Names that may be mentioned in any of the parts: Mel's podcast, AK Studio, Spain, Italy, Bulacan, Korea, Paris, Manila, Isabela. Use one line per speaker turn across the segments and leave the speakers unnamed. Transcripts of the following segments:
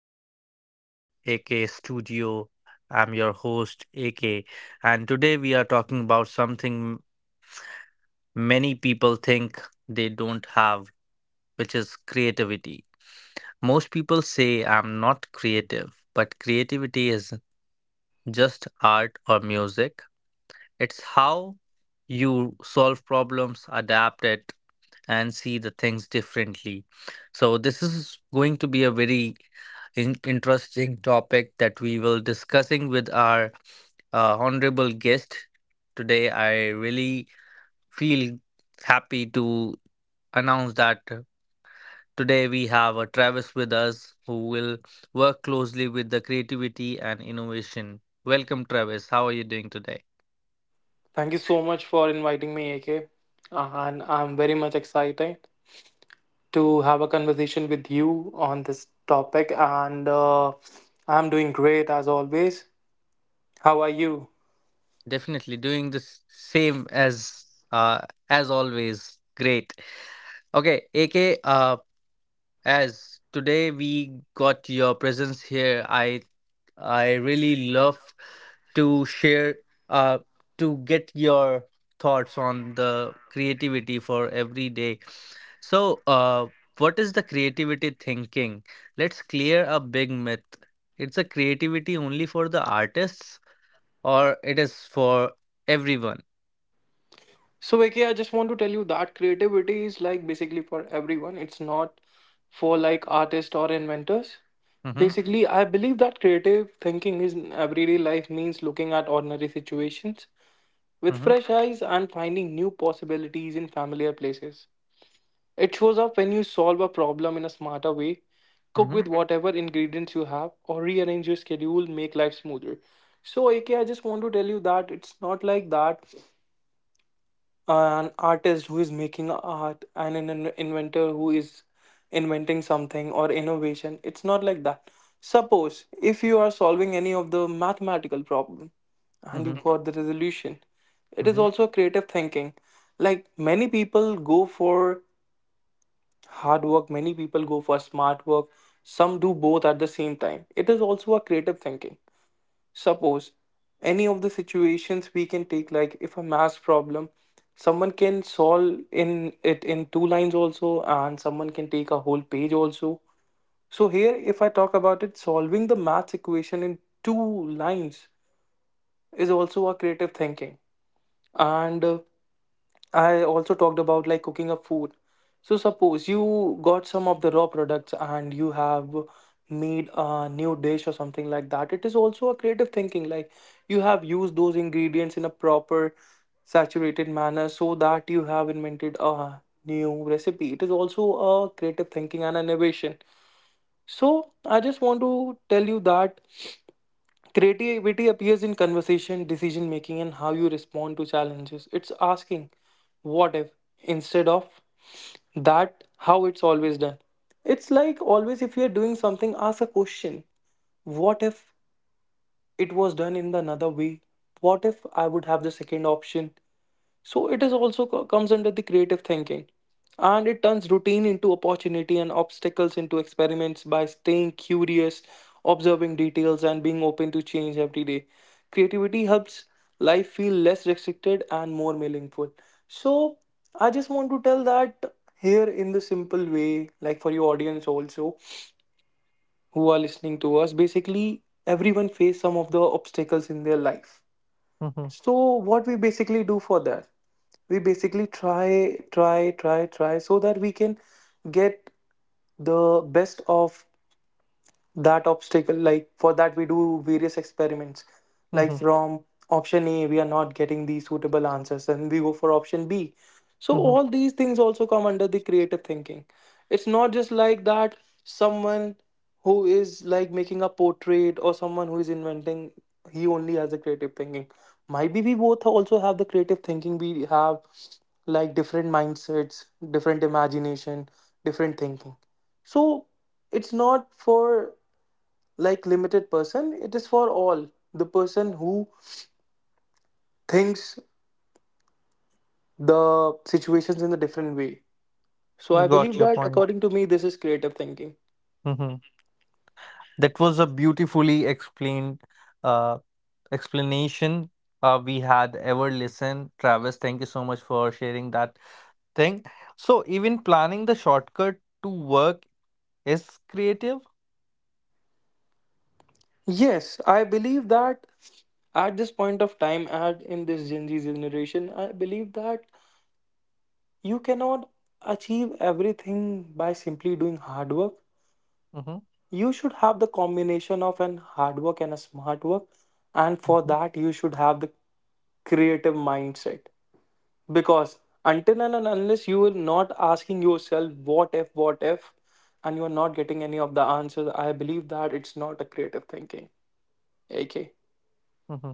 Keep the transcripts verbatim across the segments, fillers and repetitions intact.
podcast channel, A K Studio. I'm your host, A K, and today we are talking about something many people think they don't have, which is creativity. Most people say I'm not creative, but creativity is just art or music. It's how you solve problems, adapt it, and see the things differently. So, this is going to be a very in- interesting topic that we will discussing with our uh, honorable guest today. I really feel happy to announce that today we have a Travis with us who will work closely with the creativity and innovation. Welcome, Travis. How are you doing today?
Thank you so much for inviting me, A K. And I'm very much excited to have a conversation with you on this topic. And uh, I'm doing great as always. How are you?
Definitely doing the s- same as uh, as always. Great. Okay, A K, uh, as today we got your presence here, I I really love to share uh to get your thoughts on the creativity for every day. So, uh, what is the creativity thinking? Let's clear a big myth. It's a creativity only for the artists, or it is for everyone.
So, A K, I just want to tell you that creativity is like basically for everyone, it's not for like artists or inventors.
Mm-hmm,
Basically, I believe that creative thinking is in everyday life means looking at ordinary situations with
mm-hmm,
fresh eyes and finding new possibilities in familiar places. It shows up when you solve a problem in a smarter way, cook
mm-hmm,
with whatever ingredients you have, or rearrange your schedule, make life smoother. So, A K, I just want to tell you that it's not like that an artist who is making art and an in- inventor who is inventing something or innovation. It's not like that. Suppose if you are solving any of the mathematical problem and you
mm-hmm,
got the resolution, it is
mm-hmm,
also creative thinking. Like many people go for hard work, many people go for smart work, some do both at the same time, it is also a creative thinking. Suppose any of the situations we can take, like if a math problem someone can solve in it in two lines also and someone can take a whole page also, so here if I talk about it, solving the math equation in two lines is also a creative thinking. And uh, I also talked about like cooking up food. So suppose you got some of the raw products and you have made a new dish or something like that. It is also a creative thinking. Like you have used those ingredients in a proper saturated manner so that you have invented a new recipe. It is also a creative thinking and an innovation. So I just want to tell you that creativity appears in conversation, decision making, and how you respond to challenges. It's asking, what if, instead of that, how it's always done. It's like always, if you're doing something, ask a question, what if it was done in the another way? What if I would have the second option? So it is also co- comes under the creative thinking, and it turns routine into opportunity and obstacles into experiments by staying curious, observing details and being open to change every day. Creativity helps life feel less restricted and more meaningful. So I just want to tell that here in the simple way, like for your audience also who are listening to us, basically everyone face some of the obstacles in their life.
mm-hmm,
So what we basically do for that? We basically try, try, try, try so that we can get the best of that obstacle. Like for that we do various experiments, like
mm-hmm.
from option A we are not getting the suitable answers and we go for option B. So all these things also come under the creative thinking. It's not just like that someone who is like making a portrait or someone who is inventing, he only has the creative thinking. Maybe we both also have the creative thinking. We have like different mindsets, different imagination, different thinking. So it's not for like limited person, it is for all the person who thinks the situations in a different way. So I believe
Got your
that
point.
according to me this is creative thinking.
Hmm. That was a beautifully explained uh, explanation uh, we had ever listened. Travis, thank you so much for sharing that thing. So, even planning the shortcut to work is creative.
Yes I believe that at this point of time, at in this Gen Z generation, I believe that you cannot achieve everything by simply doing hard work.
Hmm.
You should have the combination of an hard work and a smart work, and for
Hmm.
that you should have the creative mindset. Because until and unless you are not asking yourself what if, what if, and you're not getting any of the answers, I believe that it's not a creative thinking, AK.
Hmm.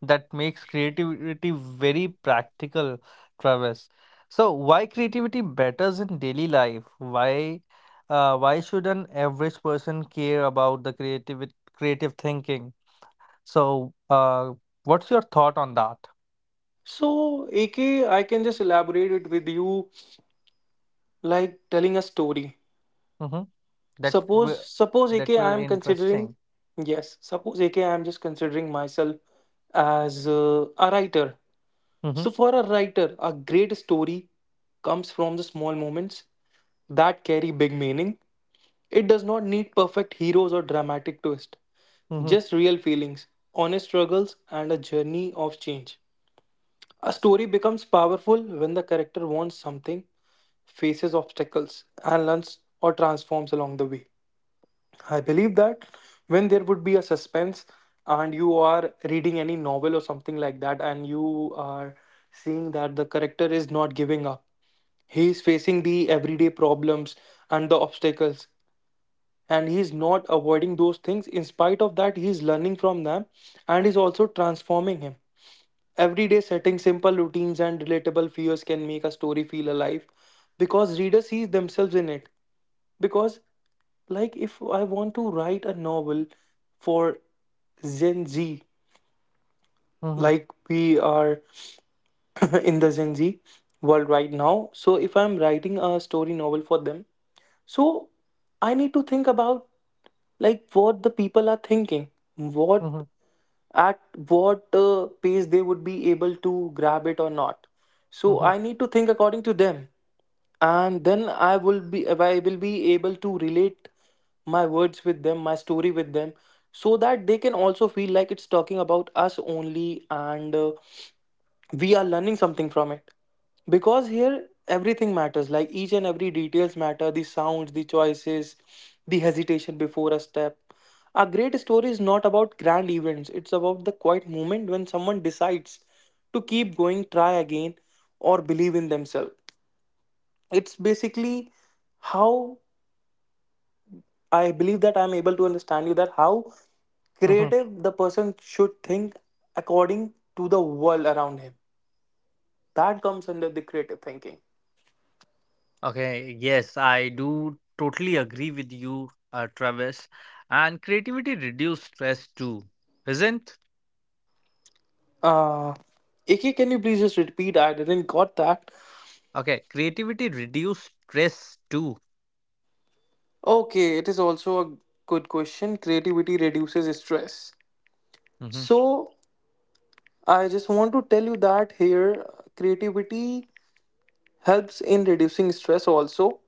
That makes creativity very practical, Travis. So, why creativity matters in daily life? Why, uh, why should an average person care about the creative creative thinking? So, uh, what's your thought on that?
So AK, I can just elaborate it with you like telling a story.
Mm-hmm. That
suppose
will
suppose A K,
that
I
really
am considering,
interesting.
yes, suppose A K, I am just considering myself as uh, a writer.
Mm-hmm.
So, for a writer, a great story comes from the small moments that carry big meaning. It does not need perfect heroes or dramatic twists;
Mm-hmm.
just real feelings, honest struggles, and a journey of change. A story becomes powerful when the character wants something, faces obstacles, and learns or transforms along the way. I believe that when there would be a suspense and you are reading any novel or something like that, and you are seeing that the character is not giving up, he is facing the everyday problems and the obstacles, and he is not avoiding those things. In spite of that, he is learning from them and is also transforming him. Everyday setting, simple routines, and relatable fears can make a story feel alive because readers see themselves in it. Because, like, if I want to write a novel for Gen Z,
Mm-hmm.
like we are in the Gen Z world right now, so if I'm writing a story novel for them, so I need to think about like what the people are thinking, what
Mm-hmm.
at what uh, pace they would be able to grab it or not. So
Mm-hmm.
I need to think according to them, and then I will be I will be able to relate my words with them, my story with them, so that they can also feel like it's talking about us only. And. Uh, we are learning something from it, because here everything matters, like each and every details matter, the sounds, the choices, the hesitation before a step. A great story is not about grand events, it's about the quiet moment when someone decides to keep going, try again, or believe in themselves. It's basically how, I believe that I'm able to understand you that how
Mm-hmm.
creative the person should think according to the world around him, that comes under the creative thinking.
Okay, yes, I do totally agree with you, uh, Travis. And creativity reduce stress too, isn't?
Uh, Iki, can you please just repeat? I didn't got that.
Okay, creativity reduce stress too.
Okay, it is also a good question. Creativity reduces stress.
Mm-hmm.
So, I just want to tell you that here, creativity helps in reducing stress also.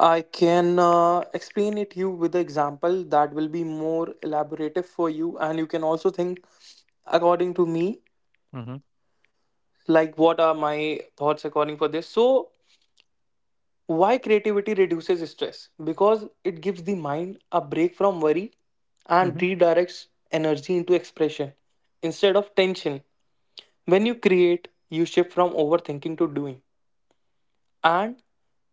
I can uh, explain it you with the example that will be more elaborative for you, and you can also think according to me,
Mm-hmm.
like what are my thoughts according for this. So, why creativity reduces stress? Because it gives the mind a break from worry and
Mm-hmm.
redirects energy into expression instead of tension. When you create, you shift from overthinking to doing, and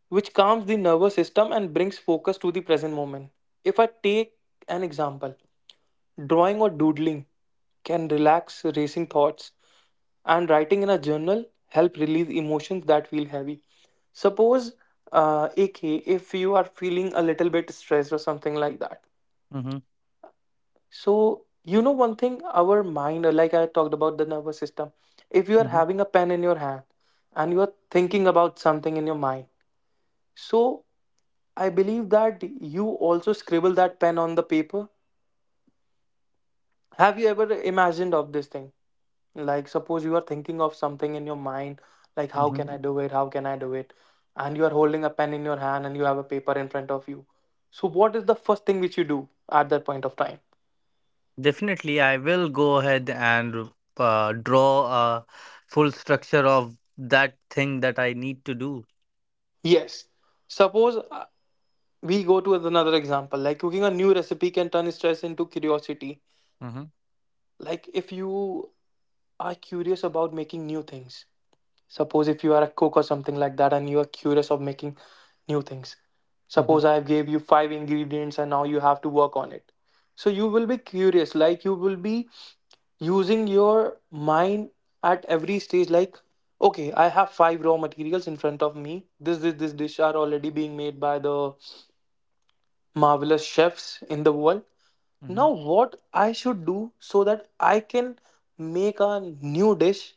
which calms the nervous system and brings focus to the present moment. If I take an example, drawing or doodling can relax racing thoughts, and writing in a journal help release emotions that feel heavy. Suppose, uh, A K, if you are feeling a little bit stressed or something like that.
Mm-hmm.
So, you know, one thing, our mind, uh, like I talked about the nervous system, if you are
Mm-hmm.
having a pen in your hand and you are thinking about something in your mind, so I believe that you also scribble that pen on the paper. Have you ever imagined of this thing? Like, suppose you are thinking of something in your mind, like, how can
Mm-hmm.
I do it? How can I do it? And you are holding a pen in your hand and you have a paper in front of you. So, what is the first thing which you do at that point of time?
Definitely, I will go ahead and uh, draw a full structure of that thing that I need to do.
Yes. Suppose uh, we go to another example, like cooking a new recipe can turn stress into curiosity.
Mm-hmm,
Like, if you are curious about making new things, suppose if you are a cook or something like that and you are curious of making new things.
mm-hmm,
Suppose I gave you five ingredients and now you have to work on it. So you will be curious, like you will be using your mind at every stage, like, okay, I have five raw materials in front of me. This, this, this dish are already being made by the marvelous chefs in the world.
mm-hmm,
Now, what I should do so that I can make a new dish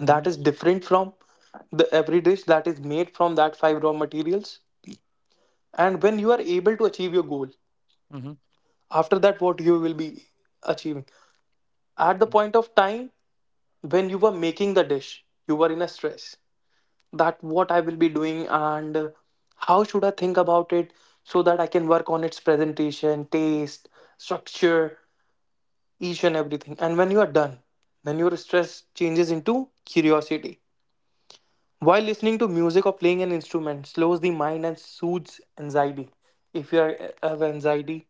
mm-hmm,
is different from the every dish that is made from that five raw materials. And when you are able to achieve your goal,
mm-hmm,
after that what you will be achieving, at the point of time when you were making the dish you were in a stress, that what I will be doing, and uh, how should I think about it, so that I can work on its presentation, taste, structure, each and everything. And when you are done, then your stress changes into curiosity. While listening to music or playing an instrument slows the mind and soothes anxiety. If you are, uh, have anxiety,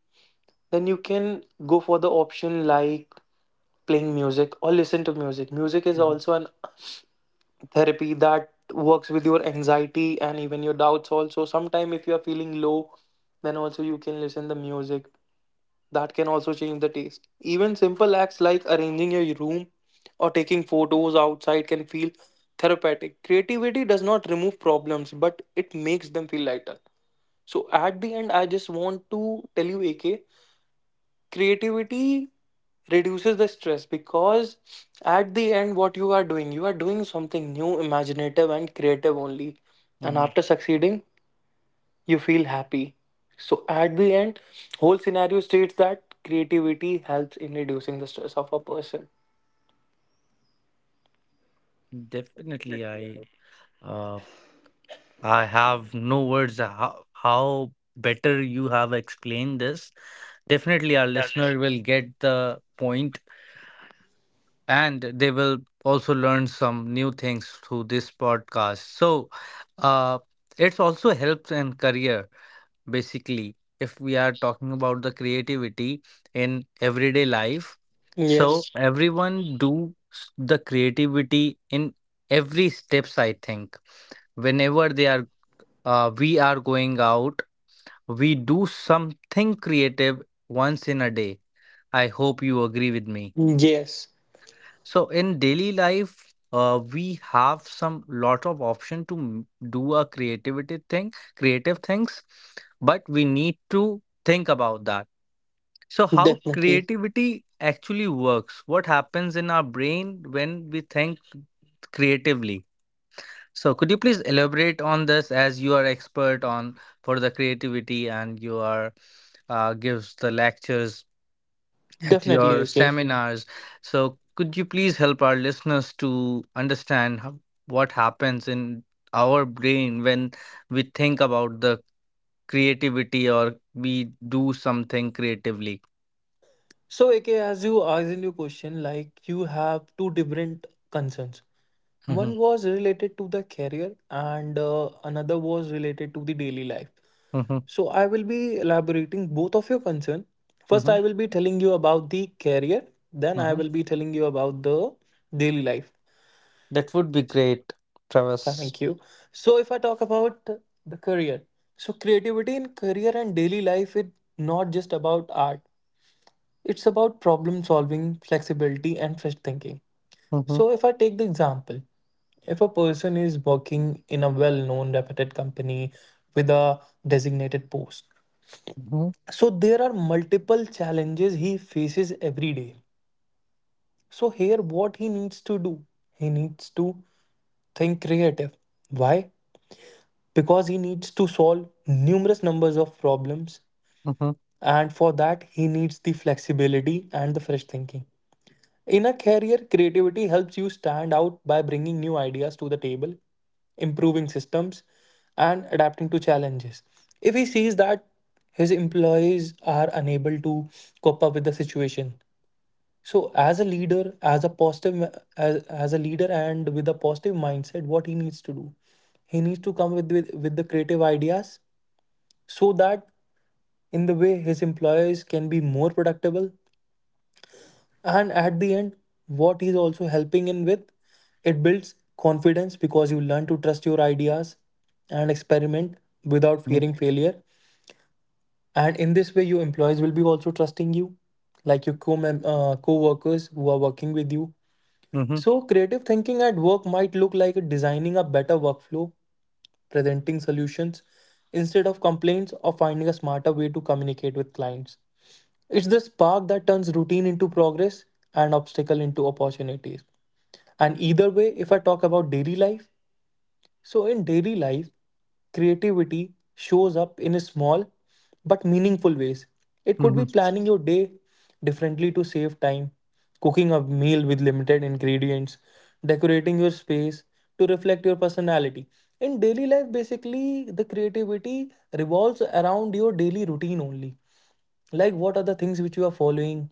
then you can go for the option like playing music or listen to music. Music is
mm-hmm,
also an therapy that works with your anxiety and even your doubts also sometime. If you are feeling low then also you can listen the music that can also change the taste. Even simple acts like arranging your room or taking photos outside can feel therapeutic. Creativity does not remove problems, but it makes them feel lighter. So at the end, I just want to tell you, AK, creativity reduces the stress because at the end, what you are doing, you are doing something new, imaginative and creative only. And
hmm.
after succeeding, you feel happy. So at the end, whole scenario states that creativity helps in reducing the stress of a person.
Definitely, I uh, I have no words how, how better you have explained this. Definitely, our listener will get the point, and they will also learn some new things through this podcast. So, uh, it's also helps in career, basically, if we are talking about the creativity in everyday life. So
yes
everyone do s- the creativity in every steps, I think. Whenever they are uh, we are going out, we do something creative once in a day. I hope you agree with me.
yes
So in daily life, uh, we have some lot of option to m- do a creativity thing, creative things, but we need to think about that. So how
definitely
creativity actually works? What happens in our brain when we think creatively? So could you please elaborate on this as you are expert on for the creativity and you are uh, gives the lectures at
definitely
your
Okay.
seminars. So, could you please help our listeners to understand how, what happens in our brain when we think about the creativity or we do something creatively?
So, A K, as you asked in your question, like you have two different concerns.
Mhm,
One was related to the career, and uh, another was related to the daily life.
mhm,
So, I will be elaborating both of your concern. First,
mhm,
I will be telling you about the career. Then, I
mhm.
will be telling you about the daily life.
That would be great, Travis.
Thank you. So, if I talk about the career, so creativity in career and daily life is not just about art. It's about problem solving, flexibility, and fresh thinking.
Mhm,
So, if I take the example, if a person is working in a well known, reputed company with a designated post,
mhm,
so there are multiple challenges he faces every day. So, here, what he needs to do, he needs to think creative. Why? Because he needs to solve numerous numbers of problems,
mhm,
and for that, he needs the flexibility and the fresh thinking. In a career, creativity helps you stand out by bringing new ideas to the table, improving systems, and adapting to challenges. If he sees that his employees are unable to cope up with the situation, so as a leader, as a positive, as, as a leader, and with a positive mindset, what he needs to do, he needs to come with with, with the creative ideas so that in the way his employees can be more productive. And at the end, what he's also helping in with, it builds confidence because you learn to trust your ideas and experiment without
mhm,
fearing failure. And in this way, your employees will be also trusting you, like your co uh, co-workers who are working with you.
mhm,
So creative thinking at work might look like designing a better workflow, presenting solutions instead of complaints, or finding a smarter way to communicate with clients. It's the spark that turns routine into progress and obstacle into opportunities. And either way, if I talk about daily life, so, in daily life, creativity shows up in small but meaningful ways. It could be
mhm,
planning your day differently to save time, cooking a meal with limited ingredients, decorating your space to reflect your personality. In daily life, basically, the creativity revolves around your daily routine only. Like, what are the things which you are following?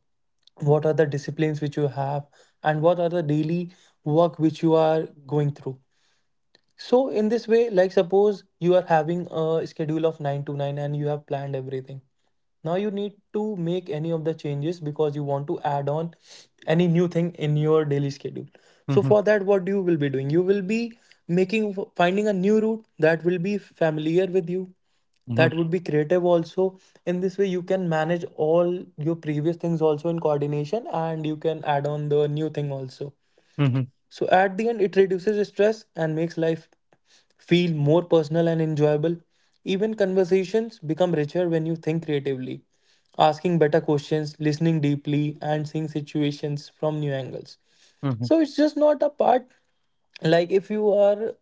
What are the disciplines which you have? And what are the daily work which you are going through? So in this way, like suppose you are having a schedule of nine to nine and you have planned everything. Now you need to make any of the changes because you want to add on any new thing in your daily schedule. So
mhm,
for that, what you will be doing? You will be making, finding a new route that will be familiar with you, that
mhm,
would be creative also. In this way, you can manage all your previous things also in coordination and you can add on the new thing also.
mhm,
So at the end, it reduces stress and makes life feel more personal and enjoyable. Even conversations become richer when you think creatively, asking better questions, listening deeply, and seeing situations from new angles.
mhm,
So it's just not a part. Like if you are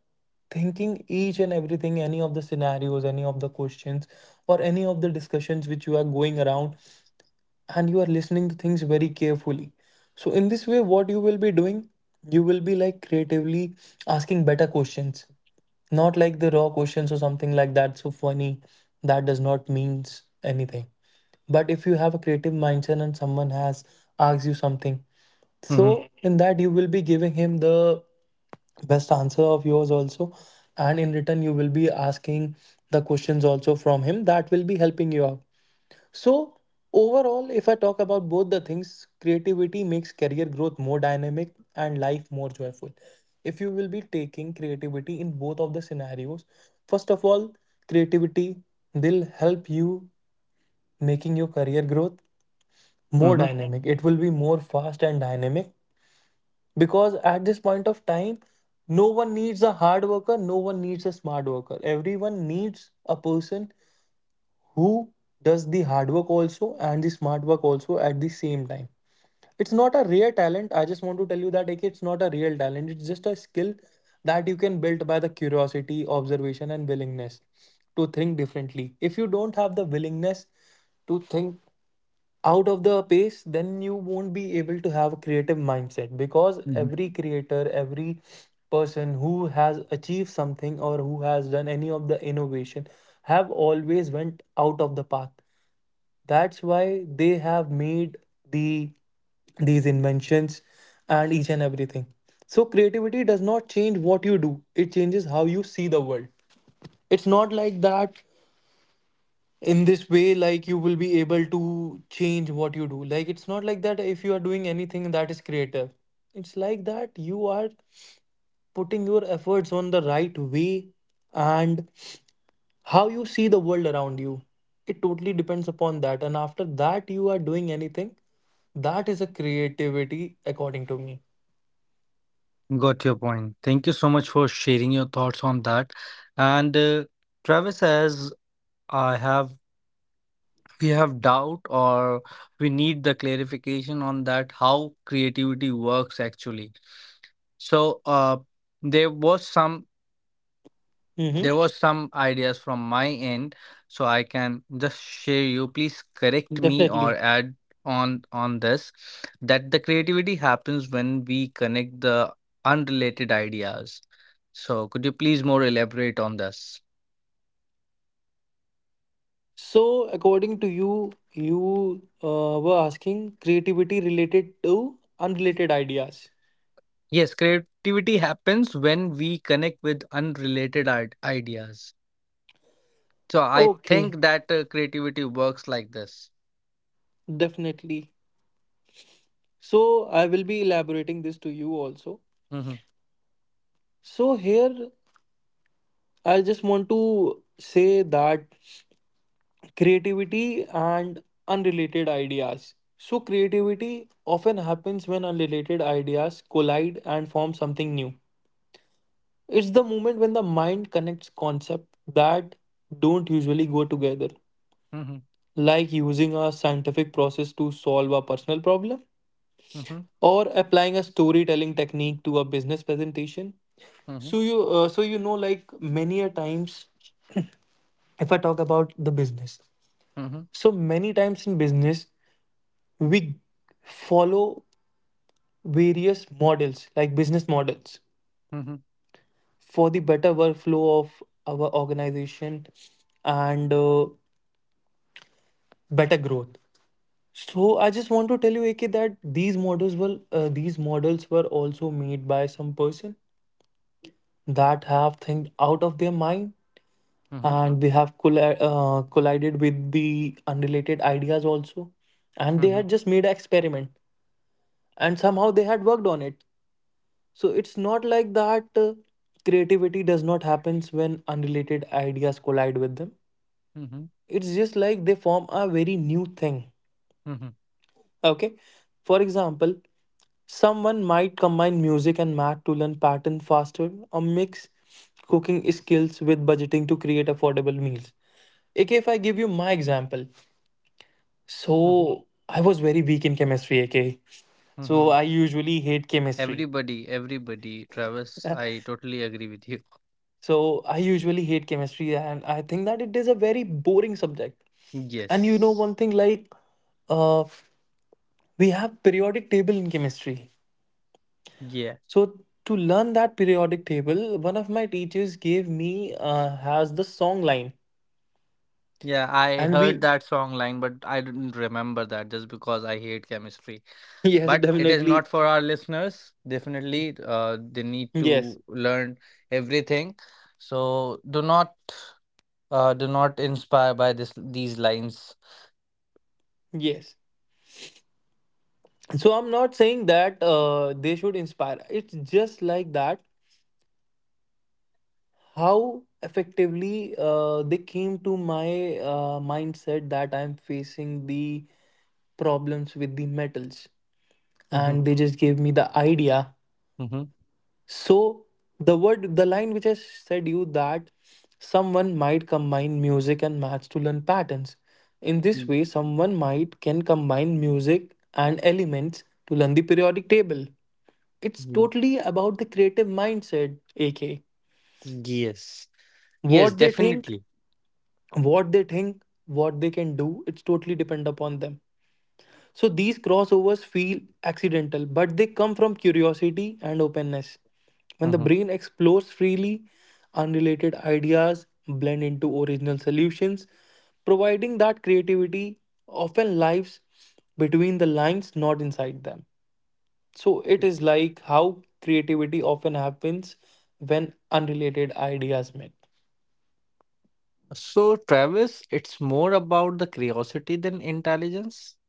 thinking each and everything, any of the scenarios, any of the questions, or any of the discussions which you are going around, and you are listening to things very carefully. So in this way, what you will be doing, you will be like creatively asking better questions, not like the raw questions or something like that. So funny, that does not means anything. But if you have a creative mindset and someone has asked you something,
mhm,
so in that you will be giving him the best answer of yours also, and in return you will be asking the questions also from him that will be helping you out. So, overall, if I talk about both the things, creativity makes career growth more dynamic and life more joyful. If you will be taking creativity in both of the scenarios, first of all, creativity will help you making your career growth more
mhm,
dynamic. It will be more fast and dynamic because at this point of time, no one needs a hard worker, no one needs a smart worker. Everyone needs a person who does the hard work also and the smart work also at the same time. It's not a rare talent, I just want to tell you that, like, it's not a real talent, it's just a skill that you can build by the curiosity, observation and willingness to think differently. If you don't have the willingness to think out of the pace, then you won't be able to have a creative mindset, because
mhm.
every creator, every person who has achieved something or who has done any of the innovation have always went out of the path. That's why they have made the these inventions and each and everything. So creativity does not change what you do. It changes how you see the world. It's not like that. In this way, like you will be able to change what you do. Like it's not like that if you are doing anything that is creative. It's like that you are putting your efforts on the right way and how you see the world around you, it totally depends upon that, and after that you are doing anything, that is a creativity according to me.
Got your point. Thank you so much for sharing your thoughts on that. And uh, Travis, as I have, we have doubt or we need the clarification on that how creativity works actually. So uh, there was some
Mm-hmm.
there was some ideas from my end, so I can just share you. Please correct me or
Definitely.
add on on this that the creativity happens when we connect the unrelated ideas. So could you please more elaborate on this?
So according to you, you uh, were asking creativity related to unrelated ideas.
Yes, creativity happens when we connect with unrelated id- ideas. So I
Okay.
think that uh, creativity works like this.
Definitely. So I will be elaborating this to you also.
Mhm,
So here I just want to say that creativity and unrelated ideas. So, creativity often happens when unrelated ideas collide and form something new. It's the moment when the mind connects concepts that don't usually go together,
mhm,
like using a scientific process to solve a personal problem
mhm,
or applying a storytelling technique to a business presentation.
mhm,
So you, uh, so you know, like many a times, if I talk about the business,
mhm,
so many times in business we follow various models like business models
mhm,
for the better workflow of our organization and uh, better growth. So I just want to tell you, A K, that these models were uh, these models were also made by some person that have think out of their mind,
mhm,
and they have colli- uh, collided with the unrelated ideas also, and they
mhm,
had just made an experiment and somehow they had worked on it. So it's not like that uh, creativity does not happens when unrelated ideas collide with them.
mhm,
It's just like they form a very new thing.
mhm,
Okay? For example, someone might combine music and math to learn pattern faster, or mix cooking skills with budgeting to create affordable meals. A K, if I give you my example,
mhm.
so I was very weak in chemistry, A K. So
Mm-hmm.
I usually hate chemistry.
Everybody, everybody, Travis, I totally agree with you.
So I usually hate chemistry and I think that it is a very boring subject. And you know
Yes.
one thing, like uh we have periodic table in chemistry.
Yeah.
So to learn that periodic table, one of my teachers gave me uh has the song line.
Yeah, I
And
heard
we
that song line, but I didn't remember that just because I hate chemistry.
yes,
But it is
definitely.
not for our listeners. Definitely, uh, they need
Yes.
to learn everything. So do not, uh, do not inspire by this these lines.
Yes. So I'm not saying that uh they should inspire. It's just like that how effectively uh, they came to my uh, mindset, that I'm facing the problems with the metals
Mm-hmm.
and they just gave me the idea. So the word, the line which I said you that someone might combine music and maths to learn patterns. In this way, someone might can combine music and elements to learn the periodic table. It's
Mm-hmm.
totally about the creative mindset, A K.
Yes. Yes,
what they think
definitely.
what they think what they can do, it's totally depend upon them. So these crossovers feel accidental, but they come from curiosity and openness. When the brain explores freely, unrelated ideas blend into original solutions, providing that creativity often lives between the lines, not inside them. So it is like how creativity often happens when unrelated ideas meet.
So, Travis, it's more about the curiosity than intelligence.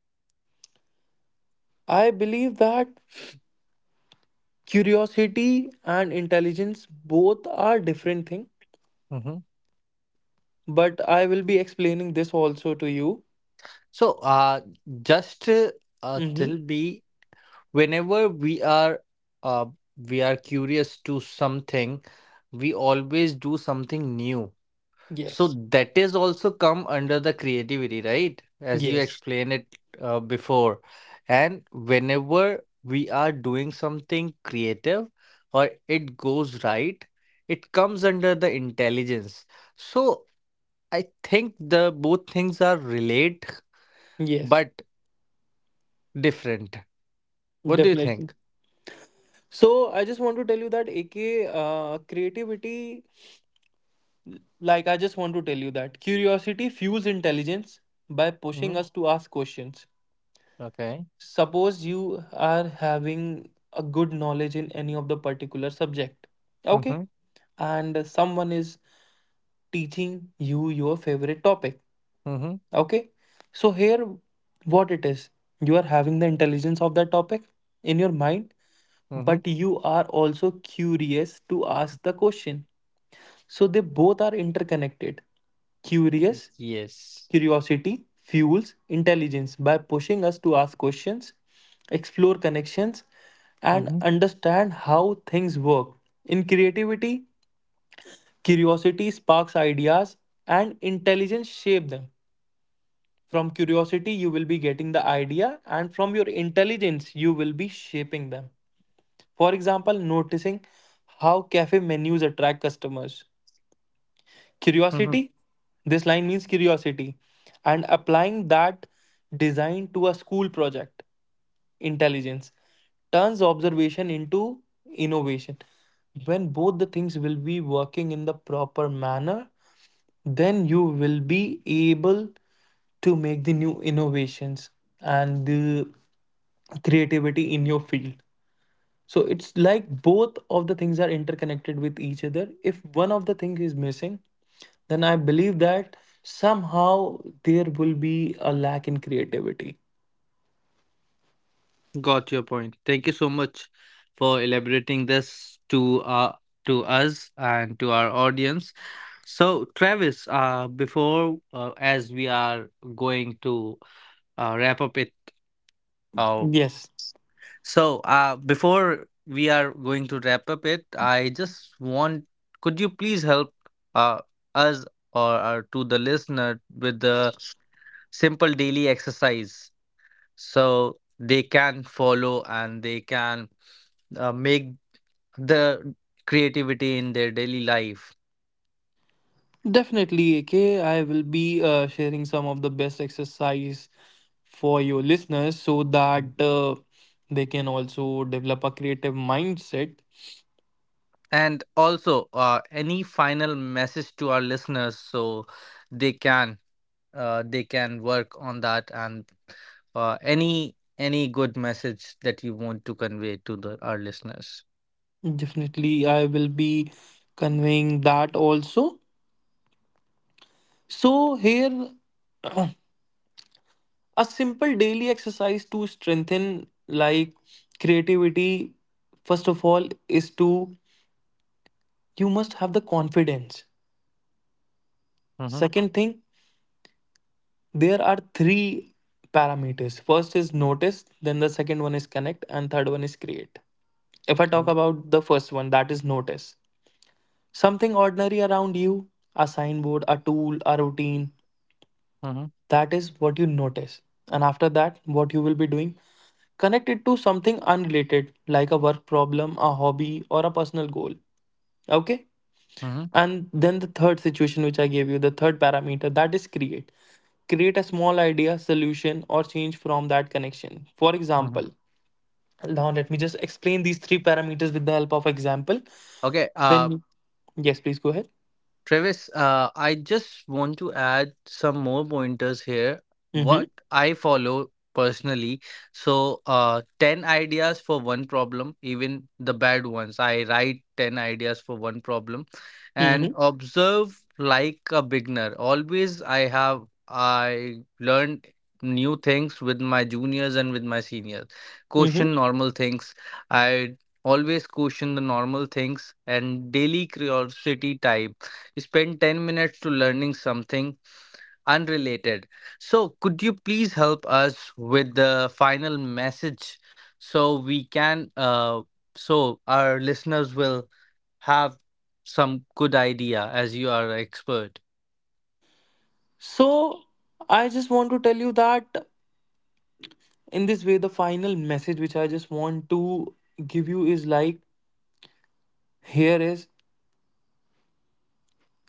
I believe that curiosity and intelligence both are different thing,
Mhm.
but I will be explaining this also to you.
So, uh, just uh,
Mm-hmm.
till be whenever we are uh, we are curious to something, we always do something new. So
Yes.
that is also come under the creativity, right? As you
Yes.
explained it uh, before. And whenever we are doing something creative or it goes right, it comes under the intelligence. So I think the both things are relate
Yes.
but different. What do you
Definitely.
think?
So I just want to tell you that A K, uh, creativity, like I just want to tell you that curiosity fuels intelligence by pushing
Mm-hmm.
us to ask questions.
Okay.
Suppose you are having a good knowledge in any of the particular subject, okay,
Mm-hmm.
and someone is teaching you your favorite topic.
Mm-hmm.
Okay, so here what it is, you are having the intelligence of that topic in your mind,
Mm-hmm.
but you are also curious to ask the question. So they both are interconnected. Curious,
Yes.
Curiosity fuels intelligence by pushing us to ask questions, explore connections, and
Mm-hmm.
understand how things work. In creativity, curiosity sparks ideas and intelligence shape them. From curiosity, you will be getting the idea, and from your intelligence, you will be shaping them. For example, noticing how cafe menus attract customers, curiosity, this line means curiosity, and applying that design to a school project, intelligence, turns observation into innovation. When both the things will be working in the proper manner, then you will be able to make the new innovations and the creativity in your field. So it's like both of the things are interconnected with each other. If one of the thing is missing, then I believe that somehow there will be a lack in creativity.
Got your point. Thank you so much for elaborating this to uh to us and to our audience. So, Travis, uh, before uh, as we are going to uh, wrap up it, uh,
Yes,
so uh, before we are going to wrap up it, I just want could you please help uh us or, or to the listener with the simple daily exercise so they can follow and they can uh, make the creativity in their daily life
definitely, A K. I will be uh, sharing some of the best exercise for your listeners so that uh, they can also develop a creative mindset.
and also uh, any final message to our listeners so they can uh, they can work on that and uh, any any good message that you want to convey to the our listeners.
Definitely, I will be conveying that also. So, here a simple daily exercise to strengthen like creativity, first of all is to, you must have the confidence.
Mm-hmm.
Second thing, there are three parameters. First is notice, then the second one is connect, and third one is create. If I talk
Okay.
about the first one, that is notice something ordinary around you, a signboard, a tool, a routine,
Mm-hmm.
that is what you notice. And after that, what you will be doing, connected to something unrelated, like a work problem, a hobby, or a personal goal. Okay?
Mm-hmm.
And then the third situation, which I gave you, the third parameter, that is create. Create a small idea, solution, or change from that connection. For
Mm-hmm.
example, now let me just explain these three parameters with the help of example.
Okay. Uh,
Then, yes, please go ahead.
Travis, uh, I just want to add some more pointers here.
Mm-hmm.
What I follow personally. So, uh, ten ideas for one problem, even the bad ones. I write ten ideas for one problem and
Mm-hmm.
observe like a beginner. Always, I have, I learned new things with my juniors and with my seniors.
Mm-hmm.
Question normal things. I always question the normal things and daily curiosity type spend ten minutes to learning something unrelated. So, could you please help us with the final message so we can, uh, so our listeners will have some good idea as you are an expert?
So I just want to tell you that in this way, the final message which I just want to give you is like, here is,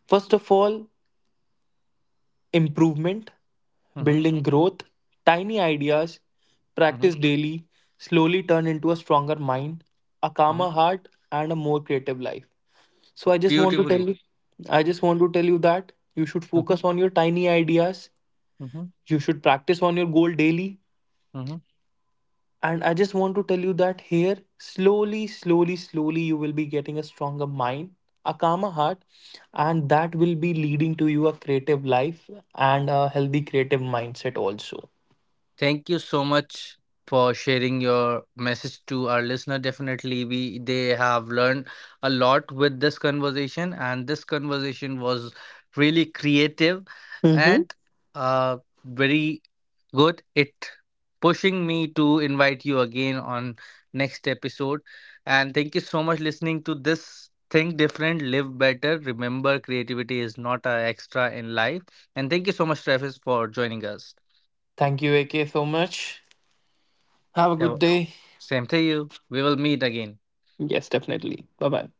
first of all, improvement,
Mm-hmm,
building growth, tiny ideas,
mm-hmm,
practice daily, slowly turn into a stronger mind, a
mm-hmm.
calmer heart, and a more creative life. So I just want to tell
Beautifully.
you, I just want to tell you that you should
Mm-hmm,
focus on your tiny ideas.
mm-hmm,
You should practice on your goal daily.
mm-hmm.
And I just want to tell you that here, slowly, slowly, slowly, you will be getting a stronger mind, a calmer heart, and that will be leading to you a creative life and a healthy creative mindset also.
Thank you so much for sharing your message to our listener. Definitely, we they have learned a lot with this conversation, and this conversation was really creative
Mm-hmm.
and uh, very good. It pushing me to invite you again on next episode. And thank you so much listening to this. Think different, live better. Remember, creativity is not an extra in life. And thank you so much, Travis, for joining us.
Thank you, A K, so much. Have a
Have a
good day.
Same to you. We will meet again.
Yes, definitely. Bye bye.